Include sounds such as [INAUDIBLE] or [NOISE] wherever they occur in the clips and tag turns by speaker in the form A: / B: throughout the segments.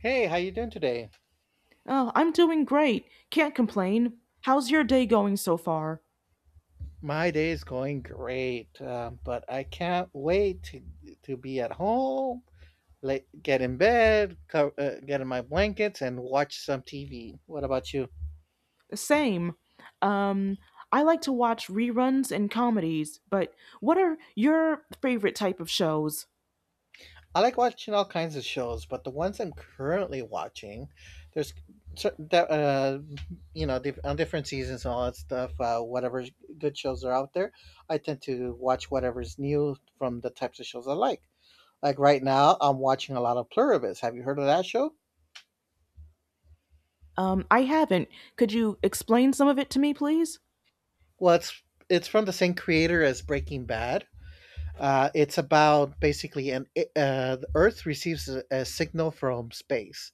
A: Hey, how you doing today?
B: Oh, I'm doing great. Can't complain. How's your day going so far?
A: My day is going great, but I can't wait to be at home, like get in bed, get in my blankets, and watch some TV. What about you?
B: The same. Um, I like to watch reruns and comedies, but what are your favorite type of shows?
A: I like watching all kinds of shows, but the ones I'm currently watching, there's cer- that you know diff- on different seasons and all that stuff. Whatever good shows are out there, I tend to watch whatever's new from the types of shows I like. Like right now, I'm watching a lot of Pluribus. Have you heard of that show?
B: I haven't. Could you explain some of it to me, please?
A: Well, it's from the same creator as Breaking Bad. It's about basically the Earth receives a signal from space,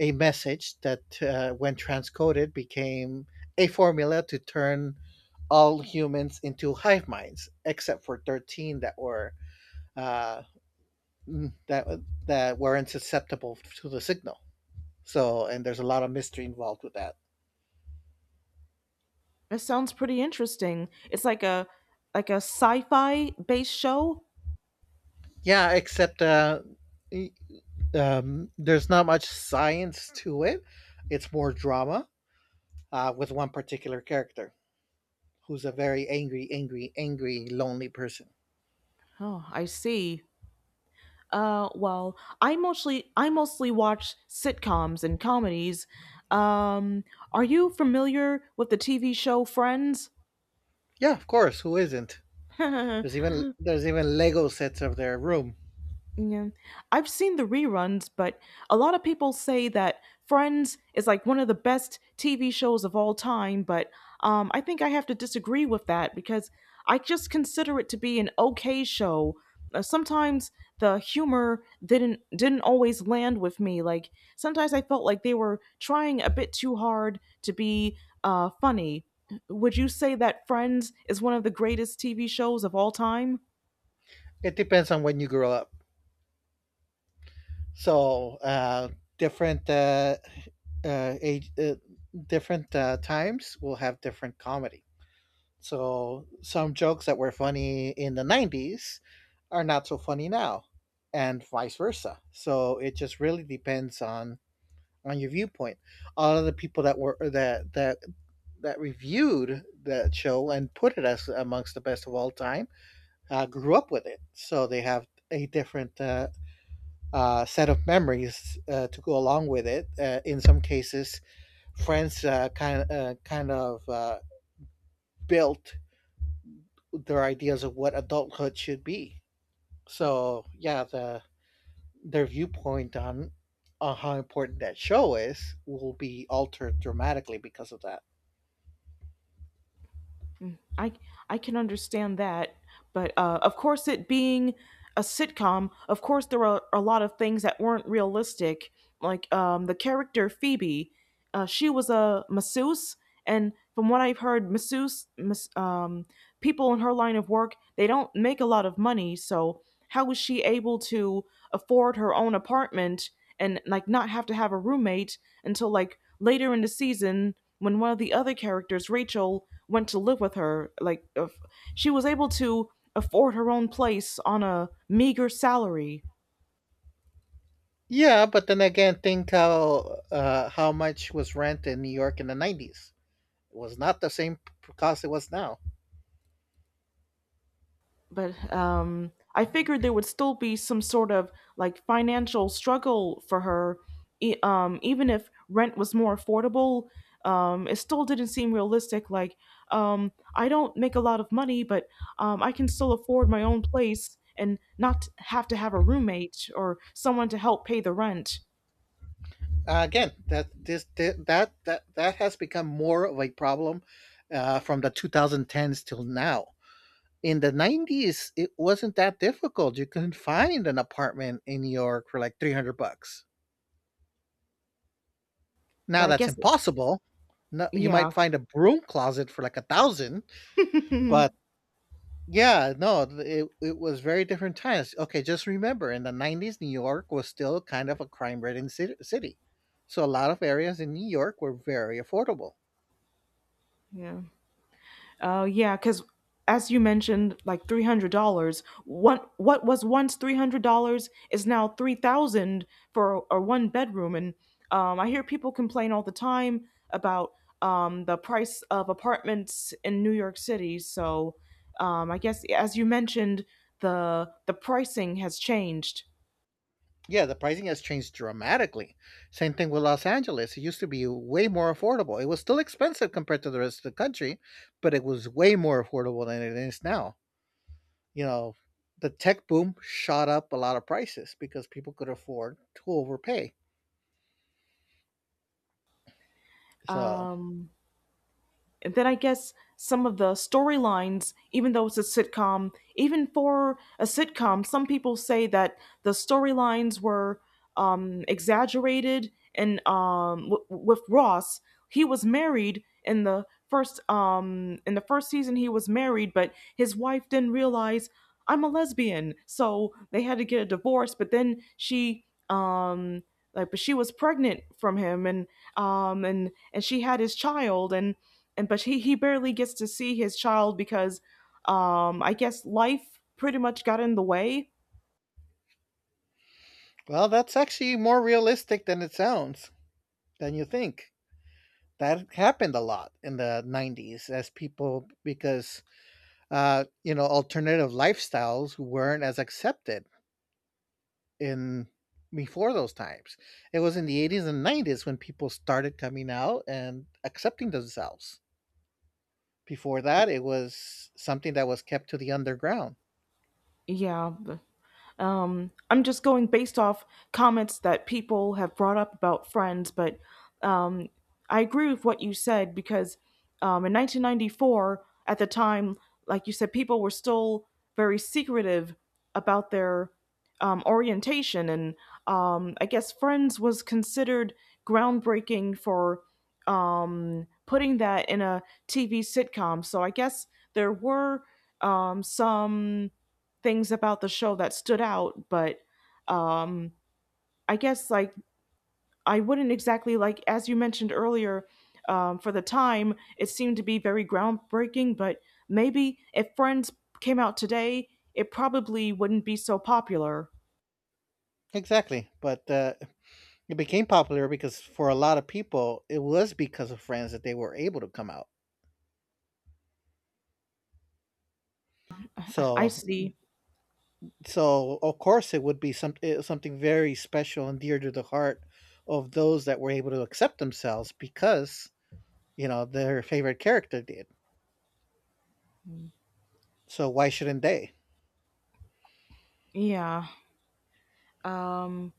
A: a message that, when transcoded, became a formula to turn all humans into hive minds, except for 13 that uh, mm, that that weren't susceptible to the signal. So, and there's a lot of mystery involved with that.
B: That sounds pretty interesting. It's like a sci-fi based show.
A: Yeah, except y- there's not much science to it. It's more drama with one particular character who's a very angry, angry, angry, lonely person.
B: Oh, I see. Well, I mostly watch sitcoms and comedies. Um, are you familiar with the TV show Friends?
A: Yeah, of course. Who isn't? There's
B: [LAUGHS]
A: even there's even Lego sets of their room.
B: Yeah. I've seen the reruns, but a lot of people say that Friends is like one of the best TV shows of all time, but I think I have to disagree with that because I just consider it to be an okay show. Sometimes the humor didn't always land with me. Like sometimes I felt like they were trying a bit too hard to be funny. Would you say that Friends is one of the greatest TV shows of all time?
A: It depends on when you grow up. So uh, different uh, uh, age, uh, Different times will have different comedy. So some jokes that were funny in the '90s are not so funny now, and vice versa, so it just really depends on your viewpoint. A lot of the people that were that that that reviewed that show and put it as amongst the best of all time grew up with it, so they have a different set of memories to go along with it. In some cases, Friends built their ideas of what adulthood should be. So yeah, their viewpoint on how important that show is will be altered dramatically because of that.
B: I I can understand that, but of course, it being a sitcom, of course, there are a lot of things that weren't realistic. Like the character Phoebe, she was a masseuse, and from what I've heard, people in her line of work, they don't make a lot of money. So how was she able to afford her own apartment and like not have to have a roommate until like later in the season when one of the other characters, Rachel, went to live with her? Like if she was able to afford her own place on a meager salary.
A: Yeah, but then again, think how much was rent in New York in the 90s. It was not the same cost it was now.
B: But I figured there would still be some sort of like financial struggle for her, even if rent was more affordable. It still didn't seem realistic. Like, I don't make a lot of money, but I can still afford my own place and not have to have a roommate or someone to help pay the rent.
A: Again, that this thi- that that that has become more of a problem, from the 2010s till now. In the 90s, it wasn't that difficult. You couldn't find an apartment in New York for like 300 bucks.
B: But
A: Now
B: I
A: that's
B: guess,
A: impossible. No, you
B: yeah,
A: might find a broom closet for like a thousand, but yeah, no, it was very different times. Okay, just remember, in the 90s, New York was still kind of a crime ridden city. So a lot of areas in New York were very affordable.
B: yeah. Oh yeah, because as you mentioned, like $300. What was once $300 is now 3,000 for a one bedroom, and I hear people complain all the time about the price of apartments in New York City. So I guess as you mentioned, the pricing has changed.
A: Yeah, the pricing has changed dramatically. Same thing with Los Angeles. It used to be way more affordable. It was still expensive compared to the rest of the country, but it was way more affordable than it is now. You know, the tech boom shot up a lot of prices because people could afford to overpay. So,
B: Um, And then I guess some of the storylines, even though it's a sitcom, even for a sitcom, some people say that the storylines were exaggerated. And with Ross, he was married in the first season. He was married, but his wife didn't realize I'm a lesbian, so they had to get a divorce. But then but she was pregnant from him, and and she had his child, and he barely gets to see his child because I guess life pretty much got in the way.
A: well, that's actually more realistic than it sounds, than you think. That happened a lot in the 90s as people, because, you know, alternative lifestyles weren't as accepted in before those times. It was in the 80s and 90s when people started coming out and accepting themselves. Before that, it was something that was kept to the underground.
B: Yeah. I'm just going based off comments that people have brought up about Friends, but um, I agree with what you said because in 1994, at the time, like you said, people were still very secretive about their orientation, and I guess Friends was considered groundbreaking for putting that in a TV sitcom. So I guess there were some things about the show that stood out, but um, I guess like I wouldn't exactly like as you mentioned earlier. For the time, it seemed to be very groundbreaking, but maybe if Friends came out today, it probably wouldn't be so popular.
A: Exactly, but it became popular because for a lot of people, it was because of Friends that they were able to come out.
B: I
A: So,
B: see.
A: so of course, it would be something very special and dear to the heart of those that were able to accept themselves because you know their favorite character did. So why shouldn't they?
B: Yeah. Um,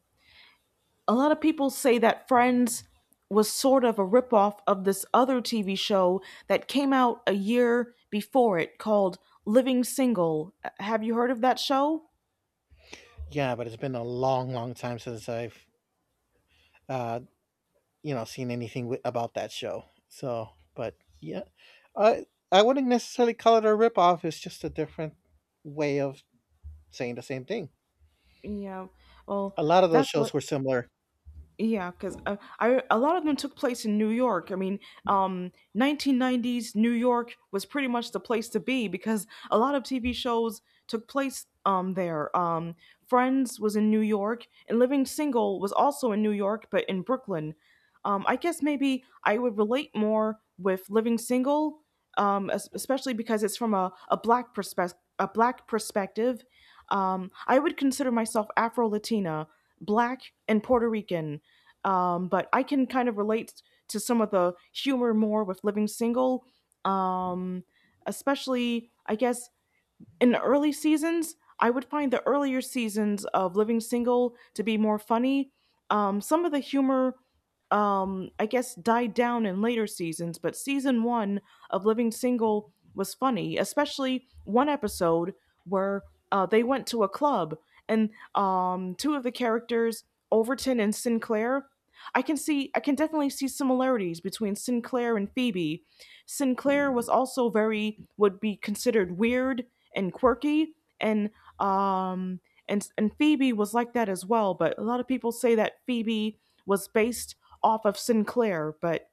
B: a lot of people say that Friends was sort of a ripoff of this other TV show that came out a year before it called Living Single. Have you heard of that show?
A: Yeah, but it's been a long, long time since I've uh, you know seen anything about that show. So, but yeah, I wouldn't necessarily call it a ripoff. It's just a different way of saying the same thing.
B: Yeah. Well,
A: A lot of those
B: that's
A: shows
B: what.
A: were similar.
B: Yeah, because I a lot of them took place in New York. I mean, 1990s New York was pretty much the place to be because a lot of TV shows took place there. Friends was in New York, and Living Single was also in New York, but in Brooklyn. I guess maybe I would relate more with Living Single, especially because it's from a black perspective. A black perspective. I would consider myself Afro Latina, black, and Puerto Rican. But I can kind of relate to some of the humor more with living single, um, especially I guess in the early seasons, I would find the earlier seasons of Living Single to be more funny. Some of the humor, I guess, died down in later seasons, but season one of Living Single was funny, especially one episode where they went to a club and two of the characters, Overton and Sinclair, I can definitely see similarities between Sinclair and Phoebe. Sinclair was also very, would be considered weird and quirky and um and Phoebe was like that as well, but a lot of people say that Phoebe was based off of Sinclair, but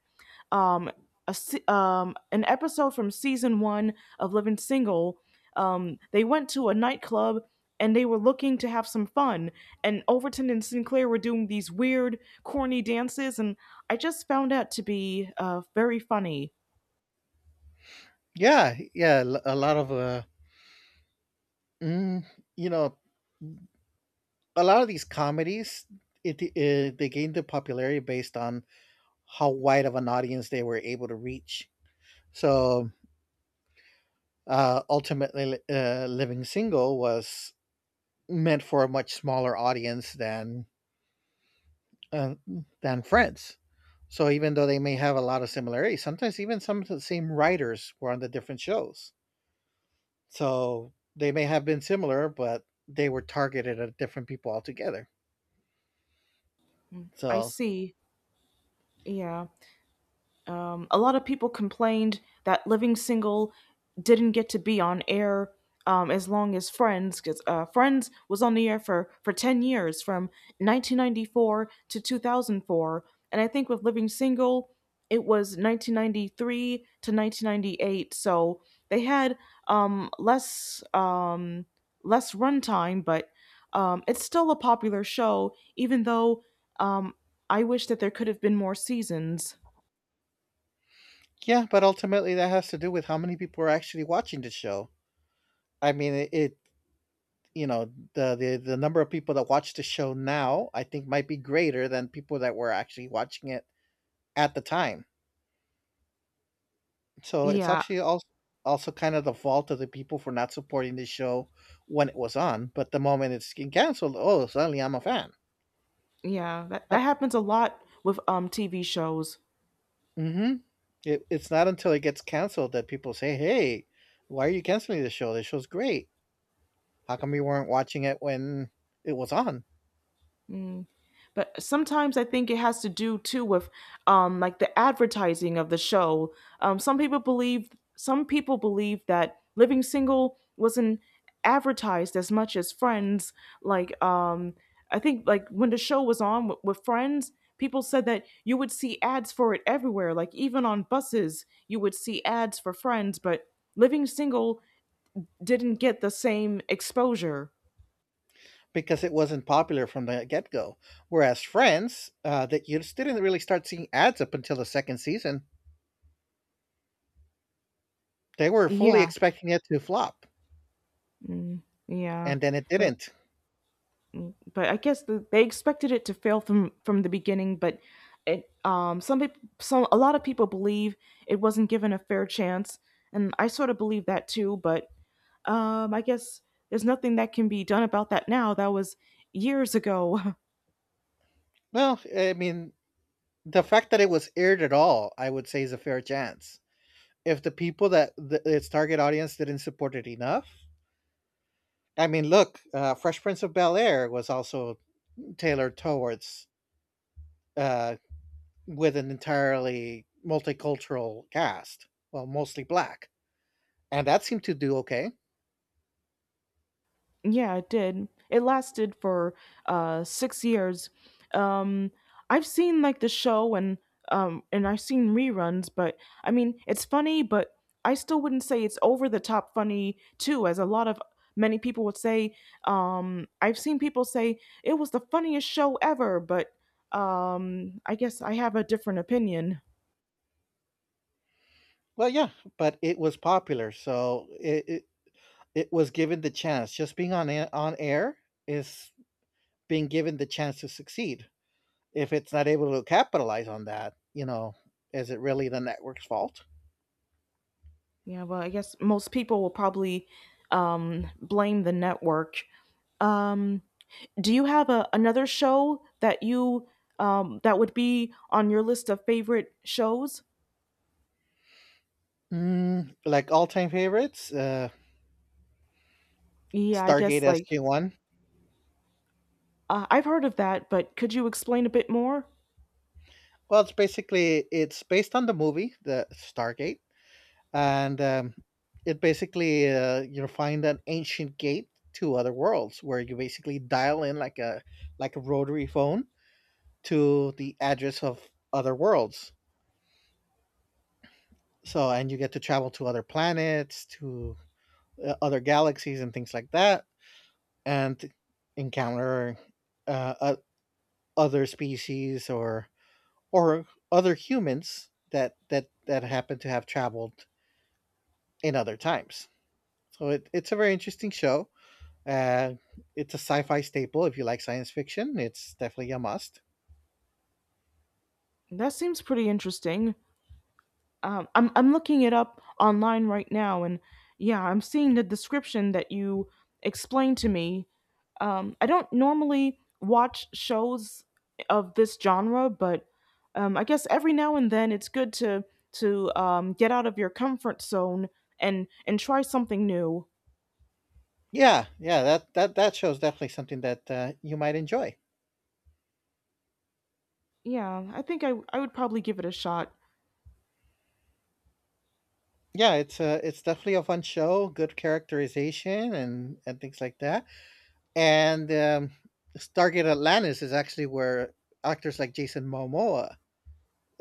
B: um a, an episode from season 1 of Living Single, they went to a nightclub and they were looking to have some fun and Overton and Sinclair were doing these weird corny dances and I just found that to be very funny.
A: Yeah, yeah, l- a lot of mm, You know, a lot of these comedies, it they gained their popularity based on how wide of an audience they were able to reach. So ultimately, Living Single was meant for a much smaller audience uh, than Friends. So even though they may have a lot of similarities, sometimes even some of the same writers were on the different shows. So they may have been similar, but they were targeted at different people altogether.
B: I
A: So
B: see. Yeah. A lot of people complained that Living Single didn't get to be on air as long as Friends, because Friends was on the air for 10 years, from 1994 to 2004. And I think with Living Single, it was 1993 to 1998. So they had um, less um, less runtime, but it's still a popular show, even though um, I wish that there could have been more seasons.
A: yeah, but ultimately that has to do with how many people are actually watching the show. I mean, it you know the number of people that watch the show now, I think, might be greater than people that were actually watching it at the time. So it's
B: Yeah.
A: actually also kind of the fault of the people for not supporting the show when it was on, but the moment it's getting canceled, oh, suddenly I'm a fan.
B: Yeah, that,
A: Uh,
B: that happens a lot with TV shows.
A: mm-hmm. It's not until it gets canceled that people say, "Hey, why are you canceling the show? The show's great. How come you weren't watching it when it was on?"
B: Mm. But sometimes I think it has to do too with like the advertising of the show. Um some people believe some people believe that Living Single wasn't advertised as much as Friends. Like I think like when the show was on with Friends, people said that you would see ads for it everywhere. Like even on buses, you would see ads for Friends, but Living Single didn't get the same exposure.
A: Because it wasn't popular from the get go. Whereas Friends, that you just didn't really start seeing ads up until the second season. They were fully
B: Yeah,
A: expecting it to flop,
B: mm, yeah,
A: and then it
B: but
A: didn't.
B: but I guess the, they expected it to fail from the beginning. But it some people some a lot of people believe it wasn't given a fair chance, and I sort of believe that too. But I guess there's nothing that can be done about that now. That was years ago. [LAUGHS]
A: Well, I mean, the fact that it was aired at all, I would say, is a fair chance. If the people that its target audience didn't support it enough, I mean, look, Fresh Prince of Bel Air was also tailored towards uh, with an entirely multicultural cast, well, mostly black, and that seemed to do okay.
B: Yeah, it did. It lasted for 6 years. Um, I've seen like the show and I've seen reruns, but I mean it's funny, but I still wouldn't say it's over the top funny too, as a lot of many people would say. I've seen people say it was the funniest show ever, but I guess I have a different opinion.
A: Well, yeah, but it was popular, so it was given the chance. Just being on on air is being given the chance to succeed. If it's not able to capitalize on that, you know, is it really the network's fault?
B: Yeah, well, I guess most people will probably blame the network. Um, Do you have a, another show that you that would be on your list of favorite shows?
A: Mm, like all time favorites,
B: Yeah, I
A: Stargate
B: guess like
A: SG One.
B: I've heard of that, but could you explain a bit more?
A: Well, it's based on the movie, the Stargate, and it basically you find an ancient gate to other worlds where you basically dial in like a rotary phone to the address of other worlds. So, and you get to travel to other planets, to other galaxies, and things like that, and encounter uh, o- other species or other humans that happen to have traveled in other times. So it's a very interesting show. Uh, it's a sci-fi staple. If you like science fiction, it's definitely a must.
B: That seems pretty interesting. I'm looking it up online right now, and yeah, I'm seeing the description that you explained to me. I don't normally watch shows of this genre, but I guess every now and then it's good to get out of your comfort zone and try something new.
A: Yeah, that that show is definitely something that you might enjoy.
B: Yeah, I think I would probably give it a shot.
A: Yeah, it's definitely a fun show. Good characterization and things like that. And Stargate Atlantis is actually where actors like Jason Momoa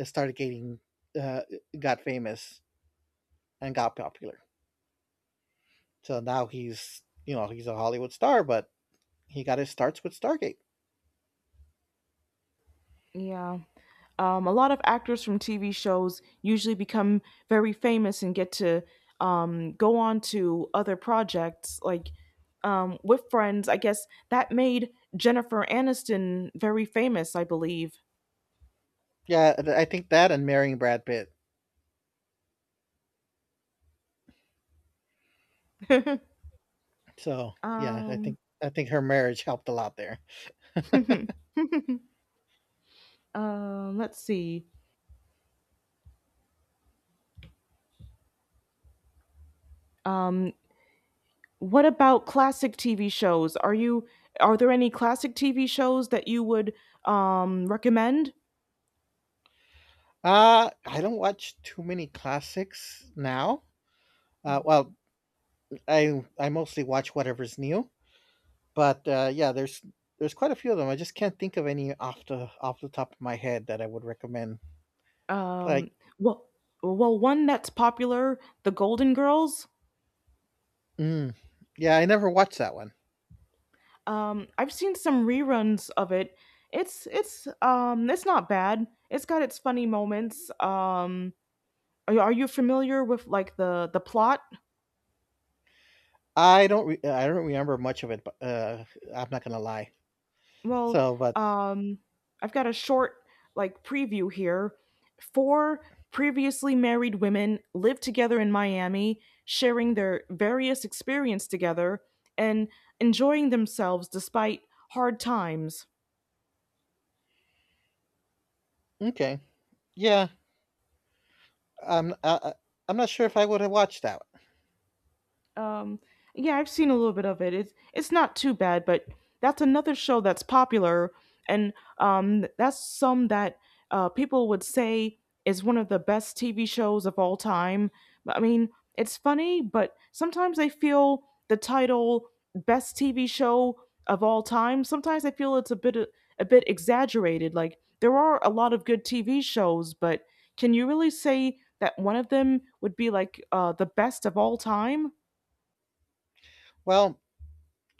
A: started getting uh, got famous and got popular. So now he's you know he's a Hollywood star, but he got his starts with Stargate.
B: Yeah. A lot of actors from TV shows usually become very famous and get to go on to other projects like with Friends. I guess that made Jennifer Aniston very famous, I believe.
A: Yeah, I think that and marrying Brad Pitt. So yeah,
B: Um,
A: I think her marriage helped a lot there.
B: let's see. Um, what about classic TV shows? Are there any classic TV shows that you would recommend?
A: I don't watch too many classics now. Well, I mostly watch whatever's new. But yeah, there's quite a few of them. I just can't think of any off the top of my head that I would recommend. Like,
B: Um, well, well, one that's popular, The Golden Girls.
A: mm, yeah, I never watched that one.
B: I've seen some reruns of it. It's it's not bad. It's got its funny moments. You- are you familiar with like the plot?
A: I don't remember much of it. But I'm not gonna lie.
B: Well,
A: So, but
B: um, I've got a short like preview here. Four previously married women live together in Miami, sharing their various experience together and enjoying themselves despite hard times.
A: okay, yeah, I'm I, I- I'm not sure if I would have watched that.
B: Um, yeah, I've seen a little bit of it. It's not too bad, but that's another show that's popular, and that's some that people would say is one of the best TV shows of all time. I mean, it's funny, but sometimes I feel the title "Best TV Show of All Time." Sometimes I feel it's a bit exaggerated. Like there are a lot of good TV shows, but can you really say that one of them would be like the best of all time?
A: Well,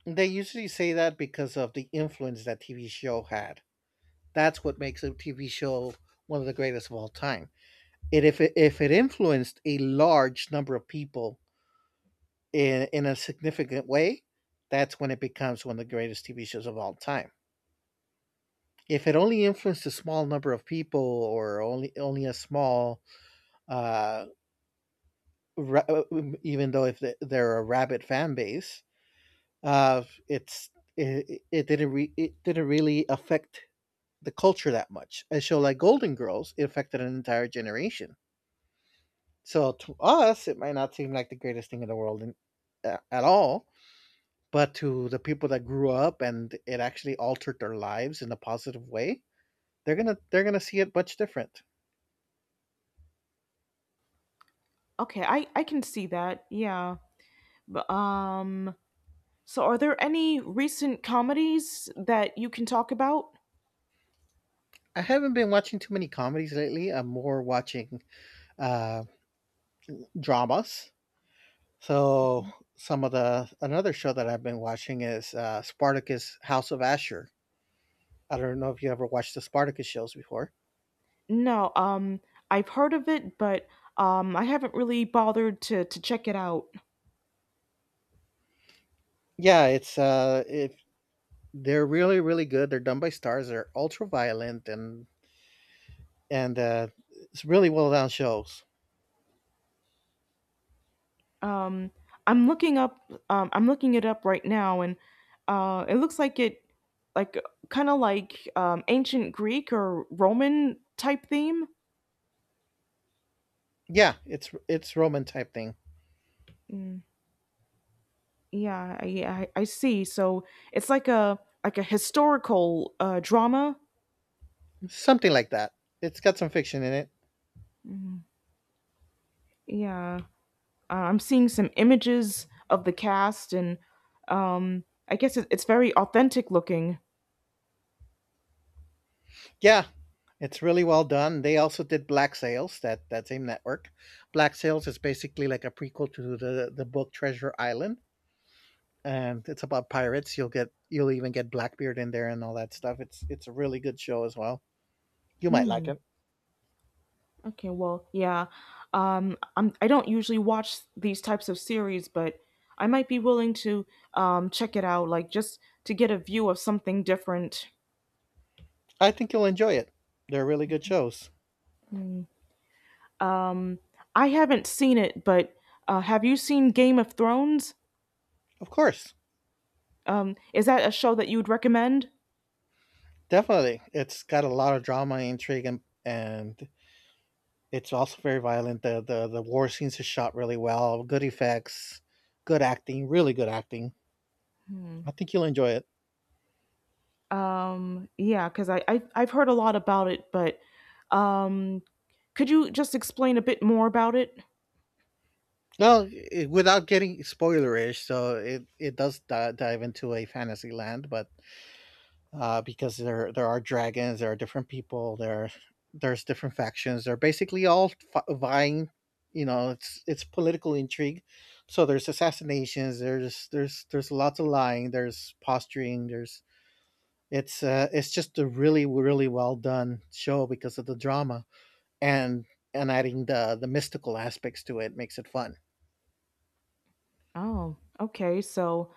A: they usually say that because of the influence that TV show had. That's what makes a TV show one of the greatest of all time. If it influenced a large number of people in a significant way, that's when it becomes one of the greatest TV shows of all time. If it only influenced a small number of people, or only a small, uh, even though if they're a rabid fan base, uh, it's it didn't really affect the culture that much. A show like Golden Girls, it affected an entire generation. So to us, it might not seem like the greatest thing in the world at all, but to the people that grew up and it actually altered their lives in a positive way, they're gonna see it much different.
B: Okay, I can see that. Yeah. But so are there any recent comedies that you can talk about?
A: I haven't been watching too many comedies lately. I'm more watching uh, dramas. So some of the another show that I've been watching is Spartacus House of Asher. I don't know if you ever watched the Spartacus shows before.
B: No, I've heard of it, but I haven't really bothered to check it out.
A: Yeah, it's if they're really really good. They're done by stars. They're ultra violent, and and uh, it's really well done shows.
B: Um I'm looking up I'm looking it up right now and it looks like it like kind of like ancient Greek or Roman type theme.
A: Yeah, it's Roman type thing,
B: Mm, yeah, I see. So it's like a historical drama.
A: something like that. It's got some fiction in it.
B: Yeah, I'm seeing some images of the cast, and I guess it's very authentic looking.
A: Yeah, it's really well done. They also did Black Sails, that same network. Black Sails is basically like a prequel to the book Treasure Island, and it's about pirates. You'll even get Blackbeard in there and all that stuff. It's a really good show as well. You might like
B: Hmm.
A: it.
B: Okay. Well, yeah. Um, I don't usually watch these types of series, but I might be willing to check it out, like just to get a view of something different.
A: I think you'll enjoy it. They're really good shows.
B: Um, I haven't seen it, but have you seen Game of Thrones?
A: Of course,
B: Is that a show that you would recommend?
A: definitely. It's got a lot of drama, intrigue, and it's also very violent. The war scenes are shot really well. Good effects, good acting, really good acting. I think you'll enjoy it.
B: Yeah, because I've heard a lot about it, but um, could you just explain a bit more about it?
A: Well, I without getting spoilerish, so it does dive into a fantasy land, but because there are dragons, there are different people, there's different factions. They're basically all vying. You know, it's political intrigue. So there's assassinations. There's lots of lying. There's posturing. There's it's just a really really well done show because of the drama and adding the mystical aspects to it makes it fun.
B: Oh, okay. So,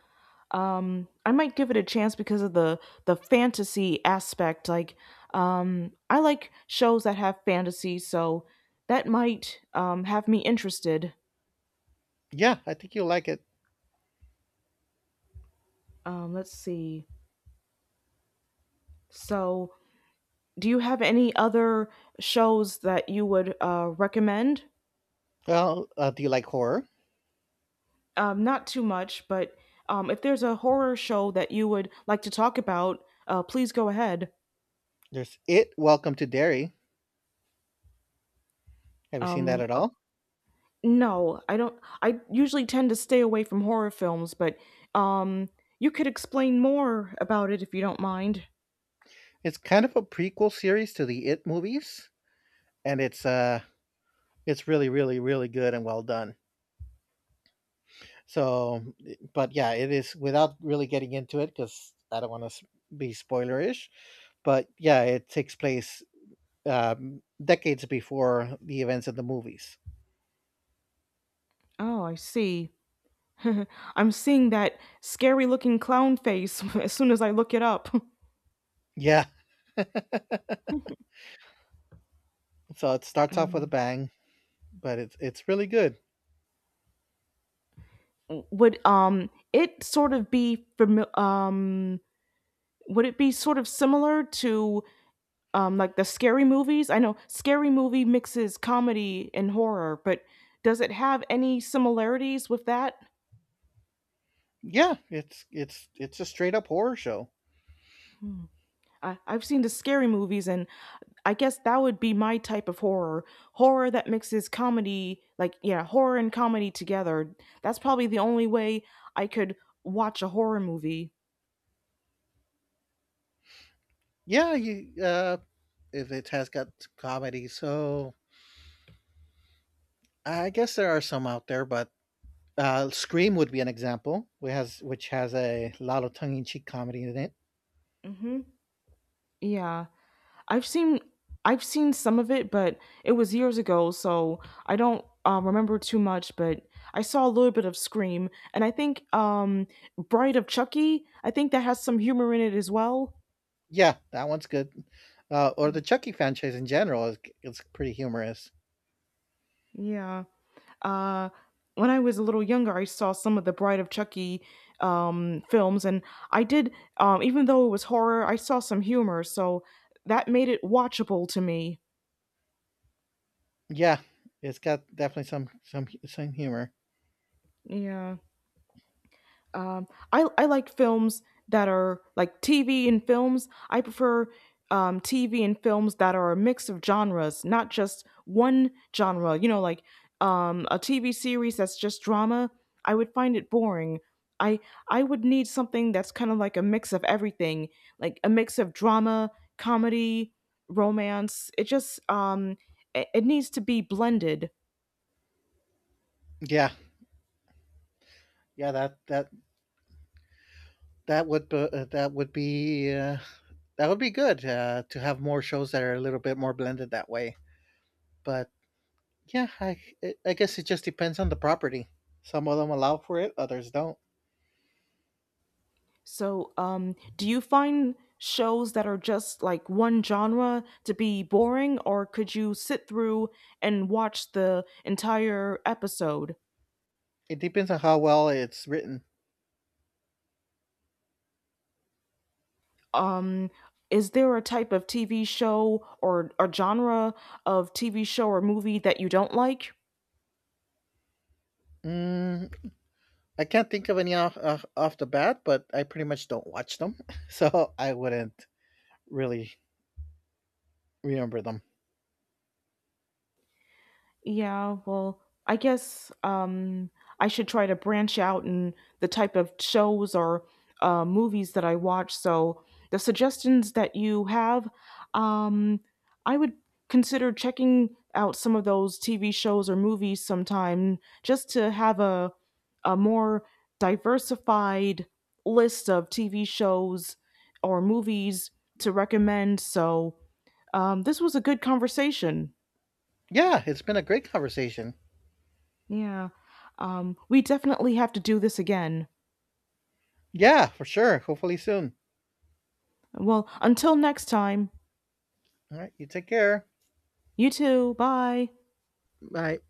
B: I might give it a chance because of the fantasy aspect. Like, I like shows that have fantasy, so that might have me interested.
A: Yeah, I think you'll like it.
B: Let's see. So, do you have any other shows that you would recommend?
A: Well, do you like horror?
B: Not too much, but if there's a horror show that you would like to talk about, please go ahead.
A: There's It Welcome to Derry. Have you seen that
B: Um,
A: at all?
B: No, I don't I usually tend to stay away from horror films, but, um, you could explain more about it if you don't mind.
A: It's kind of a prequel series to the It movies, and it's really really really good and well done. So, but yeah, it is. Without really getting into it, because I don't want to be spoilerish. But yeah, it takes place decades before the events of the movies.
B: Oh, I see. [LAUGHS] I'm seeing that scary-looking clown face [LAUGHS] as soon as I look it up. [LAUGHS]
A: Yeah, so it starts off with a
B: Um,
A: bang, but it's really good.
B: would, it sort of be fami would it be sort of similar to, like, the scary movies? I know scary movie mixes comedy and horror, but does it have any similarities with that?
A: Yeah, it's a straight up horror show.
B: Hmm. I've seen the scary movies, and I guess that would be my type of horror. Horror that mixes comedy, like, yeah, horror and comedy together. That's probably the only way I could watch a horror movie.
A: Yeah, you if it has got comedy, so I guess there are some out there, but Scream would be an example, which has a lot of tongue in cheek comedy in it.
B: Hmm. Yeah. I've seen. I've seen some of it, but it was years ago, so I don't remember too much. But I saw a little bit of Scream, and I think Bride of Chucky. I think that has some humor in it as well.
A: Yeah, that one's good. Or the
B: Mm.
A: Chucky franchise in general is it's pretty humorous.
B: Yeah. Uh, when I was a little younger, I saw some of the Bride of Chucky films, and I did, even though it was horror, I saw some humor, so that made it watchable to me.
A: Yeah, it's got definitely some humor.
B: Yeah. Um, I like films that are like TV and films. I prefer TV and films that are a mix of genres, not just one genre. You know, like a TV series that's just drama. I would find it boring. I I would need something that's kind of like a mix of everything, like a mix of drama, comedy, romance. It just it needs to be blended.
A: Yeah, that that would be, that would be good to have more shows that are a little bit more blended that way. But yeah, I guess it just depends on the property. Some of them allow for it, others don't.
B: So, do you find shows that are just like one genre to be boring, or could you sit through and watch the entire episode?
A: It depends on how well it's written.
B: Um, is there a type of TV show or a genre of TV show or movie that you don't like?
A: Mm, I can't think of any off, off the bat, but I pretty much don't watch them, [LAUGHS] so I wouldn't really remember them.
B: Yeah, well, I guess I should try to branch out in the type of shows or movies that I watch. So the suggestions that you have, um, I would consider checking out some of those TV shows or movies sometime just to have a more diversified list of TV shows or movies to recommend. So this was a good conversation.
A: Yeah, it's been a great conversation.
B: Yeah. We definitely have to do this again.
A: Yeah, for sure. Hopefully soon.
B: Well, until next time,
A: All right, you take care.
B: you too. Bye.
A: Bye.